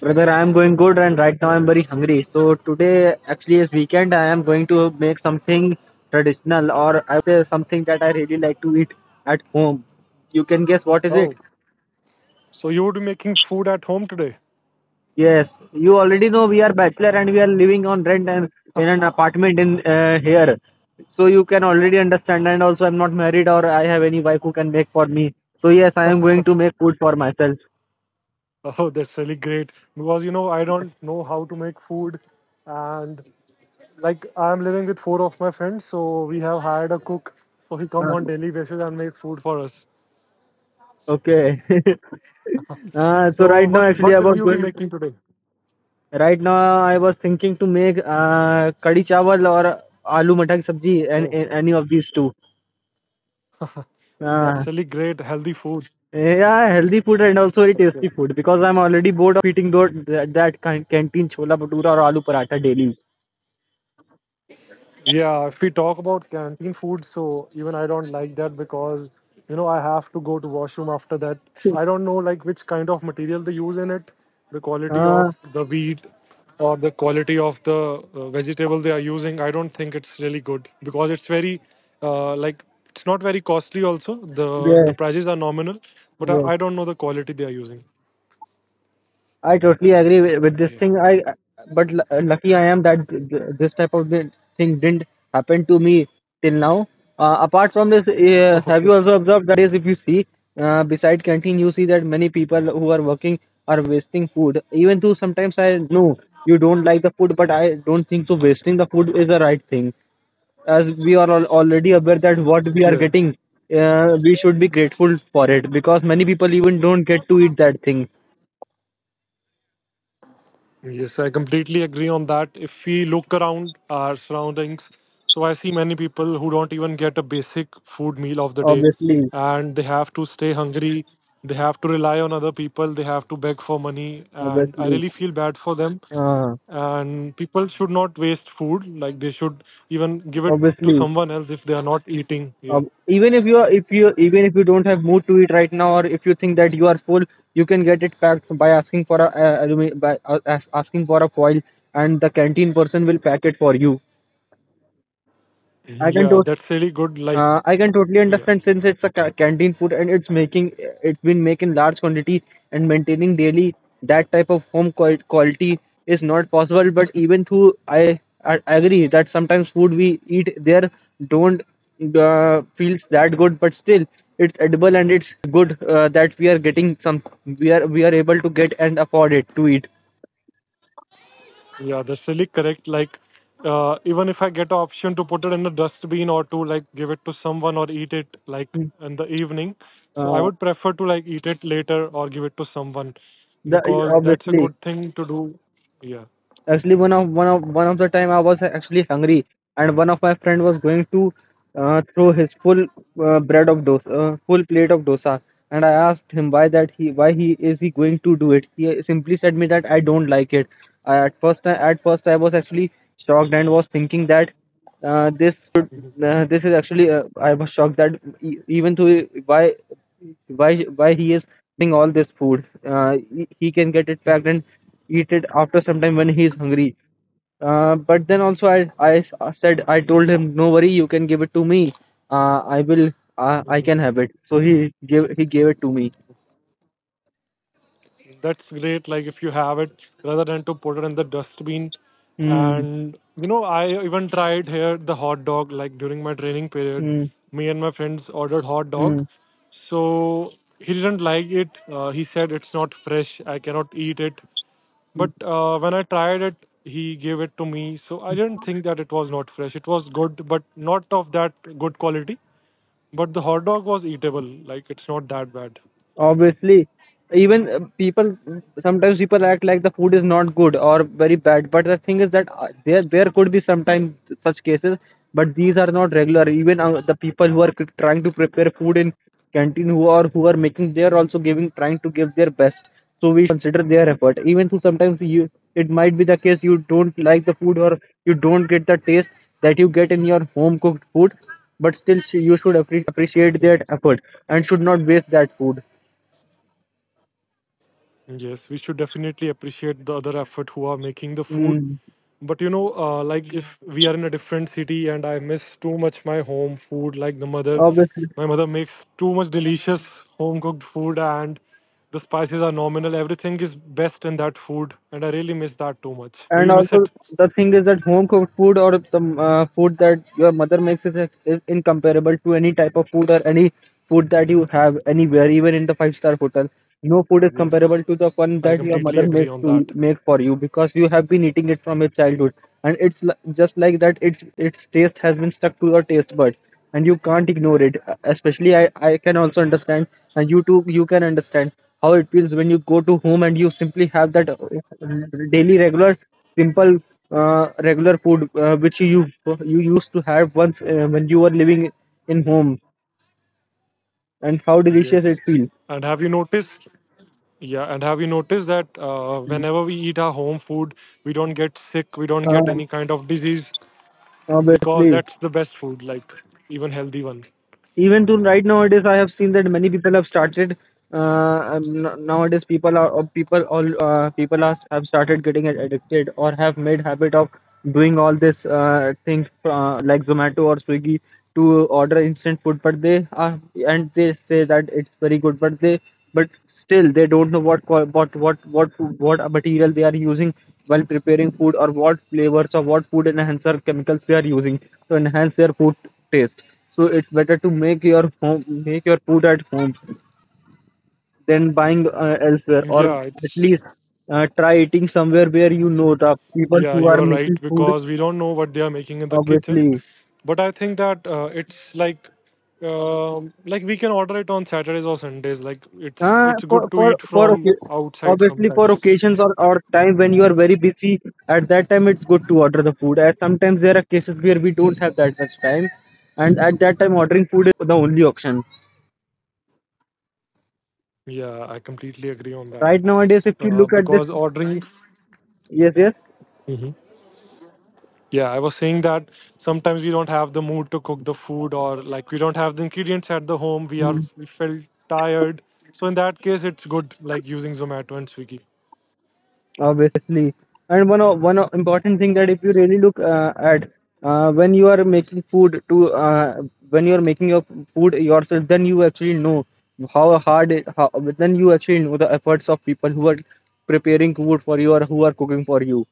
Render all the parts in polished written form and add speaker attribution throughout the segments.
Speaker 1: Brother, I am going good and right now I am very hungry. So today actually is weekend. I am going to make something traditional, or I would say something that I really like to eat at home. You can guess what is it?
Speaker 2: Oh, so you would be making food at home today?
Speaker 1: Yes, you already know we are bachelor and we are living on rent and in an apartment in here. So you can already understand, and also I'm not married or I have any wife who can make for me. So yes, I am going to make food for myself.
Speaker 2: Oh, that's really great because I don't know how to make food, and like I'm living with four of my friends, so we have hired a cook, so he come
Speaker 1: Uh,
Speaker 2: on daily basis and make food for us.
Speaker 1: okay. Uh, so
Speaker 2: So
Speaker 1: right now
Speaker 2: what
Speaker 1: actually
Speaker 2: what
Speaker 1: I
Speaker 2: will
Speaker 1: was
Speaker 2: you be
Speaker 1: going
Speaker 2: making today?
Speaker 1: Right now, I was thinking to make kadhi chawal or aloo matar ki sabji, and,
Speaker 2: Oh,
Speaker 1: and any of these two. Uh,
Speaker 2: that's really great, healthy food.
Speaker 1: yeah, healthy food and also very
Speaker 2: That's good.
Speaker 1: tasty food because I'm already bored of eating those canteen chola bhatura or aloo paratha daily.
Speaker 2: Yeah, if we talk about canteen food, so even I don't like that because I have to go to washroom after that. I don't know like which kind of material they use in it, the quality
Speaker 1: Uh,
Speaker 2: of the wheat or the quality of the vegetable they are using. I don't think it's really good because it's very like it's not very costly also. The
Speaker 1: yes,
Speaker 2: prices are nominal, but I
Speaker 1: yes,
Speaker 2: don't know the quality they are using.
Speaker 1: I totally agree with this
Speaker 2: Yeah.
Speaker 1: thing. I but lucky I am that this type of thing didn't happen to me till now. Apart from this, have you also observed that nowadays, if you see, beside canteen, you see that many people who are working are wasting food. Even though sometimes I know you don't like the food, but I don't think so. Wasting the food is the right thing, as we are already aware that what we
Speaker 2: Okay.
Speaker 1: are
Speaker 2: Yeah.
Speaker 1: getting, we should be grateful for it because many people even don't get to eat that thing.
Speaker 2: Yes, I completely agree on that. If we look around our surroundings, so I see many people who don't even get a basic food meal of the day
Speaker 1: Obviously,
Speaker 2: and they have to stay hungry, they have to rely on other people, they have to beg for money, and I
Speaker 1: obviously
Speaker 2: really feel bad for them.
Speaker 1: uh,
Speaker 2: And people should not waste food, like they should even give it to
Speaker 1: obviously
Speaker 2: someone else if they are not eating. Yeah.
Speaker 1: um, even if you are if you even if you don't have mood to eat right now, or if you think that you are full, you can get it packed by asking for a alumi- by asking for a foil, and the canteen person will pack it for you. i
Speaker 2: Mm-hmm.
Speaker 1: can
Speaker 2: Yeah,
Speaker 1: totally
Speaker 2: that's really good. Like,
Speaker 1: I can totally
Speaker 2: yeah.
Speaker 1: understand since it's a canteen food and it's been making large quantity, and maintaining daily that type of home quality is not possible. But even through I agree that sometimes food we eat there don't feels that good, but still it's edible and it's good that we are getting some we are able to get and afford it to eat.
Speaker 2: Yeah, that's really correct. Like, even if I get an option to put it in a dustbin or to like give it to someone or eat it like
Speaker 1: Mm.
Speaker 2: in the evening, so I
Speaker 1: Uh,
Speaker 2: would prefer to like eat it later or give it to someone
Speaker 1: the
Speaker 2: because that's a
Speaker 1: obviously
Speaker 2: good thing to do. Yeah.
Speaker 1: Actually, one of the time I was actually hungry, and one of my friend was going to throw his full full plate of dosa, and I asked him why that he why he is he going to do it. He simply said me that I don't like it. I, at first, I was actually shocked and was thinking that this should
Speaker 2: Mhm.
Speaker 1: this is actually I was shocked that even though why why he is wasting all this food. He can get it packed and eat it after some time when he is hungry. But then also, I said, I told him no worry, you can give it to me. Uh, I will I
Speaker 2: Mhm.
Speaker 1: can have it. So he gave it to me.
Speaker 2: That's great. Like if you have it, rather than to put it in the dustbin.
Speaker 1: Hmm.
Speaker 2: And you know, I even tried here the hot dog. Like during my training period,
Speaker 1: Hmm.
Speaker 2: me and my friends ordered hot dog.
Speaker 1: Hmm.
Speaker 2: So he didn't like it. He said it's not fresh. I cannot eat it.
Speaker 1: Hmm.
Speaker 2: But when I tried it, he gave it to me. So I didn't think that it was not fresh. It was good, but not of that good quality. But the hot dog was eatable. Like it's not that bad.
Speaker 1: Obviously, even people sometimes people act like the food is not good or very bad. But the thing is that there could be sometimes such cases, but these are not regular. Even the people who are trying to prepare food in canteen, who are making they are also giving trying to give their best, so we should also consider their effort. Even though sometimes you it might be the case you don't like the food or you don't get the taste that you get in your home cooked food, but still you should appreciate their effort and should not waste that food.
Speaker 2: Yes, we should definitely appreciate the other effort who are making the food.
Speaker 1: mm,
Speaker 2: But like if we are in a different city and I miss too much my home food, like the mother,
Speaker 1: Obviously,
Speaker 2: my mother makes too much delicious home cooked food and the spices are nominal. Everything is best in that food, and I really miss that too much. Do
Speaker 1: and
Speaker 2: you miss
Speaker 1: also
Speaker 2: it?
Speaker 1: the thing is that home cooked food, or the food that your mother makes, is incomparable to any type of food or any food that you have anywhere. Even in the five-star hotel, no food is comparable
Speaker 2: Yes,
Speaker 1: to the one
Speaker 2: I
Speaker 1: that your
Speaker 2: completely
Speaker 1: mother
Speaker 2: agree
Speaker 1: makes
Speaker 2: on
Speaker 1: to
Speaker 2: that.
Speaker 1: make for you, because you have been eating it from your childhood and it's just like that. Its taste has been stuck to your taste buds and you can't ignore it. Especially I can also understand, and you too you can understand how it feels when you go to home and you simply have that daily regular simple regular food which you used to have once when you were living in home, and how delicious it
Speaker 2: Yes.
Speaker 1: feels.
Speaker 2: And have you noticed? Yeah, and have you noticed that whenever we eat our home food, we don't get sick, we don't get
Speaker 1: uh,
Speaker 2: any kind of disease because
Speaker 1: Obviously,
Speaker 2: that's the best food, like even healthy one.
Speaker 1: even to right nowadays I have seen that many people have started nowadays people are or people all people are have started getting addicted or have made habit of doing all this thing like zomato or swiggy to order instant food, but they are and they say that it's very good, but they but still they don't know what what material they are using while preparing food, or what flavors or what food enhancer chemicals they are using to enhance their food taste. So it's better to make your food at home than buying elsewhere, or
Speaker 2: Yeah,
Speaker 1: at least try eating somewhere where you know the people who
Speaker 2: you
Speaker 1: are
Speaker 2: are
Speaker 1: making
Speaker 2: right
Speaker 1: food.
Speaker 2: because we don't know what they are making in the kitchen,
Speaker 1: Obviously,
Speaker 2: but I think that it's like we can order it on Saturdays or Sundays. Like it's
Speaker 1: uh,
Speaker 2: it's
Speaker 1: for
Speaker 2: good to
Speaker 1: for
Speaker 2: eat
Speaker 1: for
Speaker 2: from
Speaker 1: okay,
Speaker 2: outside
Speaker 1: obviously for
Speaker 2: sometimes.
Speaker 1: occasions, or time when you are very busy, at that time it's good to order the food, as sometimes there are cases where we don't have that much time, and at that time ordering food is the only option
Speaker 2: Yeah, I completely agree on that
Speaker 1: right nowadays, if you look at this.
Speaker 2: because ordering.
Speaker 1: Yes, yes,
Speaker 2: Yeah, I was saying that sometimes we don't have the mood to cook the food or like we don't have the ingredients at the home. We felt tired. So in that case it's good like using Zomato and Swiggy.
Speaker 1: obviously. And important thing, that if you really look
Speaker 2: Yeah.
Speaker 1: at when you are making food to when you are making your food yourself, then you actually know how hard it how, then you actually know the efforts of people who are preparing food for you or who are cooking for you.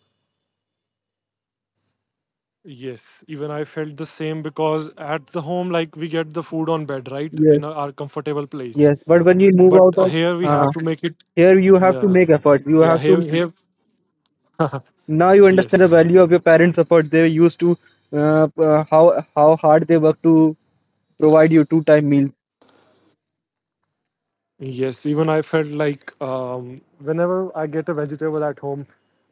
Speaker 2: Yes, even I felt the same because at the home like we get the food on bed, right?
Speaker 1: Yes,
Speaker 2: In our comfortable place.
Speaker 1: yes, but when you move
Speaker 2: But
Speaker 1: out of
Speaker 2: here we
Speaker 1: uh,
Speaker 2: have to make it
Speaker 1: here, you have to
Speaker 2: yeah.
Speaker 1: make effort, you
Speaker 2: Yeah,
Speaker 1: have to,
Speaker 2: here
Speaker 1: now you understand the
Speaker 2: yes.
Speaker 1: value of your parents effort, they used to how hard they work to provide you two time
Speaker 2: Yes, even I felt like whenever I get a vegetable at home,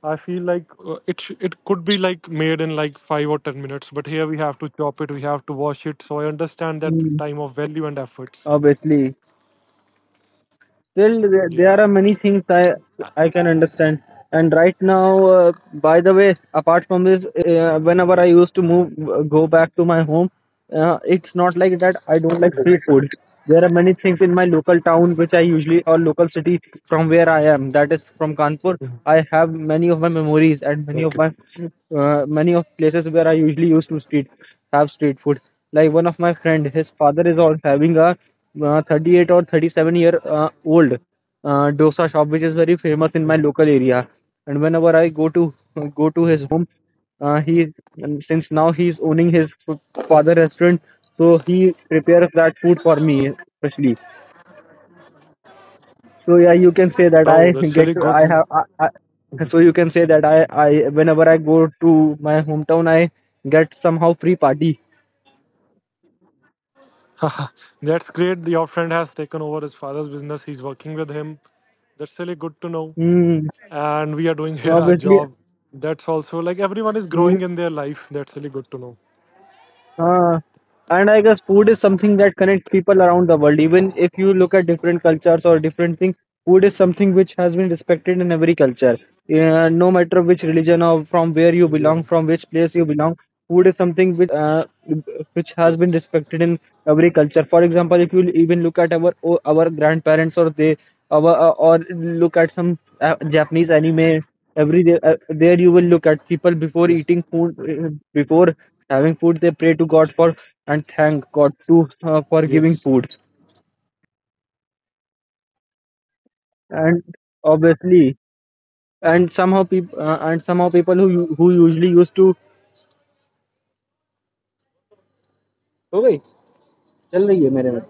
Speaker 2: I feel like it could be like made in like 5 or 10 minutes, but here we have to chop it, we have to wash it. So I understand that
Speaker 1: meals.
Speaker 2: time of value and efforts.
Speaker 1: Obviously, still there
Speaker 2: Yeah.
Speaker 1: are many things I can understand. And right now, by the way, apart from this, whenever I used to move go back to my home, it's not like that I don't like
Speaker 2: Mhm,
Speaker 1: street food. There are many things in my local town which I usually, or local city from where I am, that is from Kanpur,
Speaker 2: mhm.
Speaker 1: I have many of my memories and many of
Speaker 2: Okay.
Speaker 1: my many of places where I usually used to street have street food. Like one of my friend, his father is also having a 38 or 37 year old dosa shop which is very famous in my
Speaker 2: Mhm,
Speaker 1: local area, and whenever I go to his
Speaker 2: mhm.
Speaker 1: home, he, and since now he's owning his father restaurant, so he prepares that food for me especially. So yeah, you can say that
Speaker 2: Oh,
Speaker 1: I
Speaker 2: that's
Speaker 1: get
Speaker 2: really
Speaker 1: to, I
Speaker 2: good.
Speaker 1: have I, I, so
Speaker 2: Mhm.
Speaker 1: you can say that I whenever I go to my hometown, I get somehow free party.
Speaker 2: That's great. Your friend has taken over his father's business. He's working with him. That's really good to know.
Speaker 1: Mm,
Speaker 2: And we are doing here our
Speaker 1: obviously,
Speaker 2: job. That's also like everyone is growing in their life. That's really good to know.
Speaker 1: mm. And I guess food is something that connects people around the world. Even if you look at different cultures or different things, food is something which has been respected in every culture. No matter which religion or from where you belong,
Speaker 2: Yeah.
Speaker 1: from which place you belong, food is something which has been
Speaker 2: Yes.
Speaker 1: respected in every culture. For example, if you even look at our grandparents, or they our or look at some Japanese anime, every day there you will look at people before
Speaker 2: Yes.
Speaker 1: eating food, before having food, they pray to god for and thank God too for giving
Speaker 2: Yes.
Speaker 1: food. And obviously, and somehow people who usually used to. Okay, चल रही है मेरे में.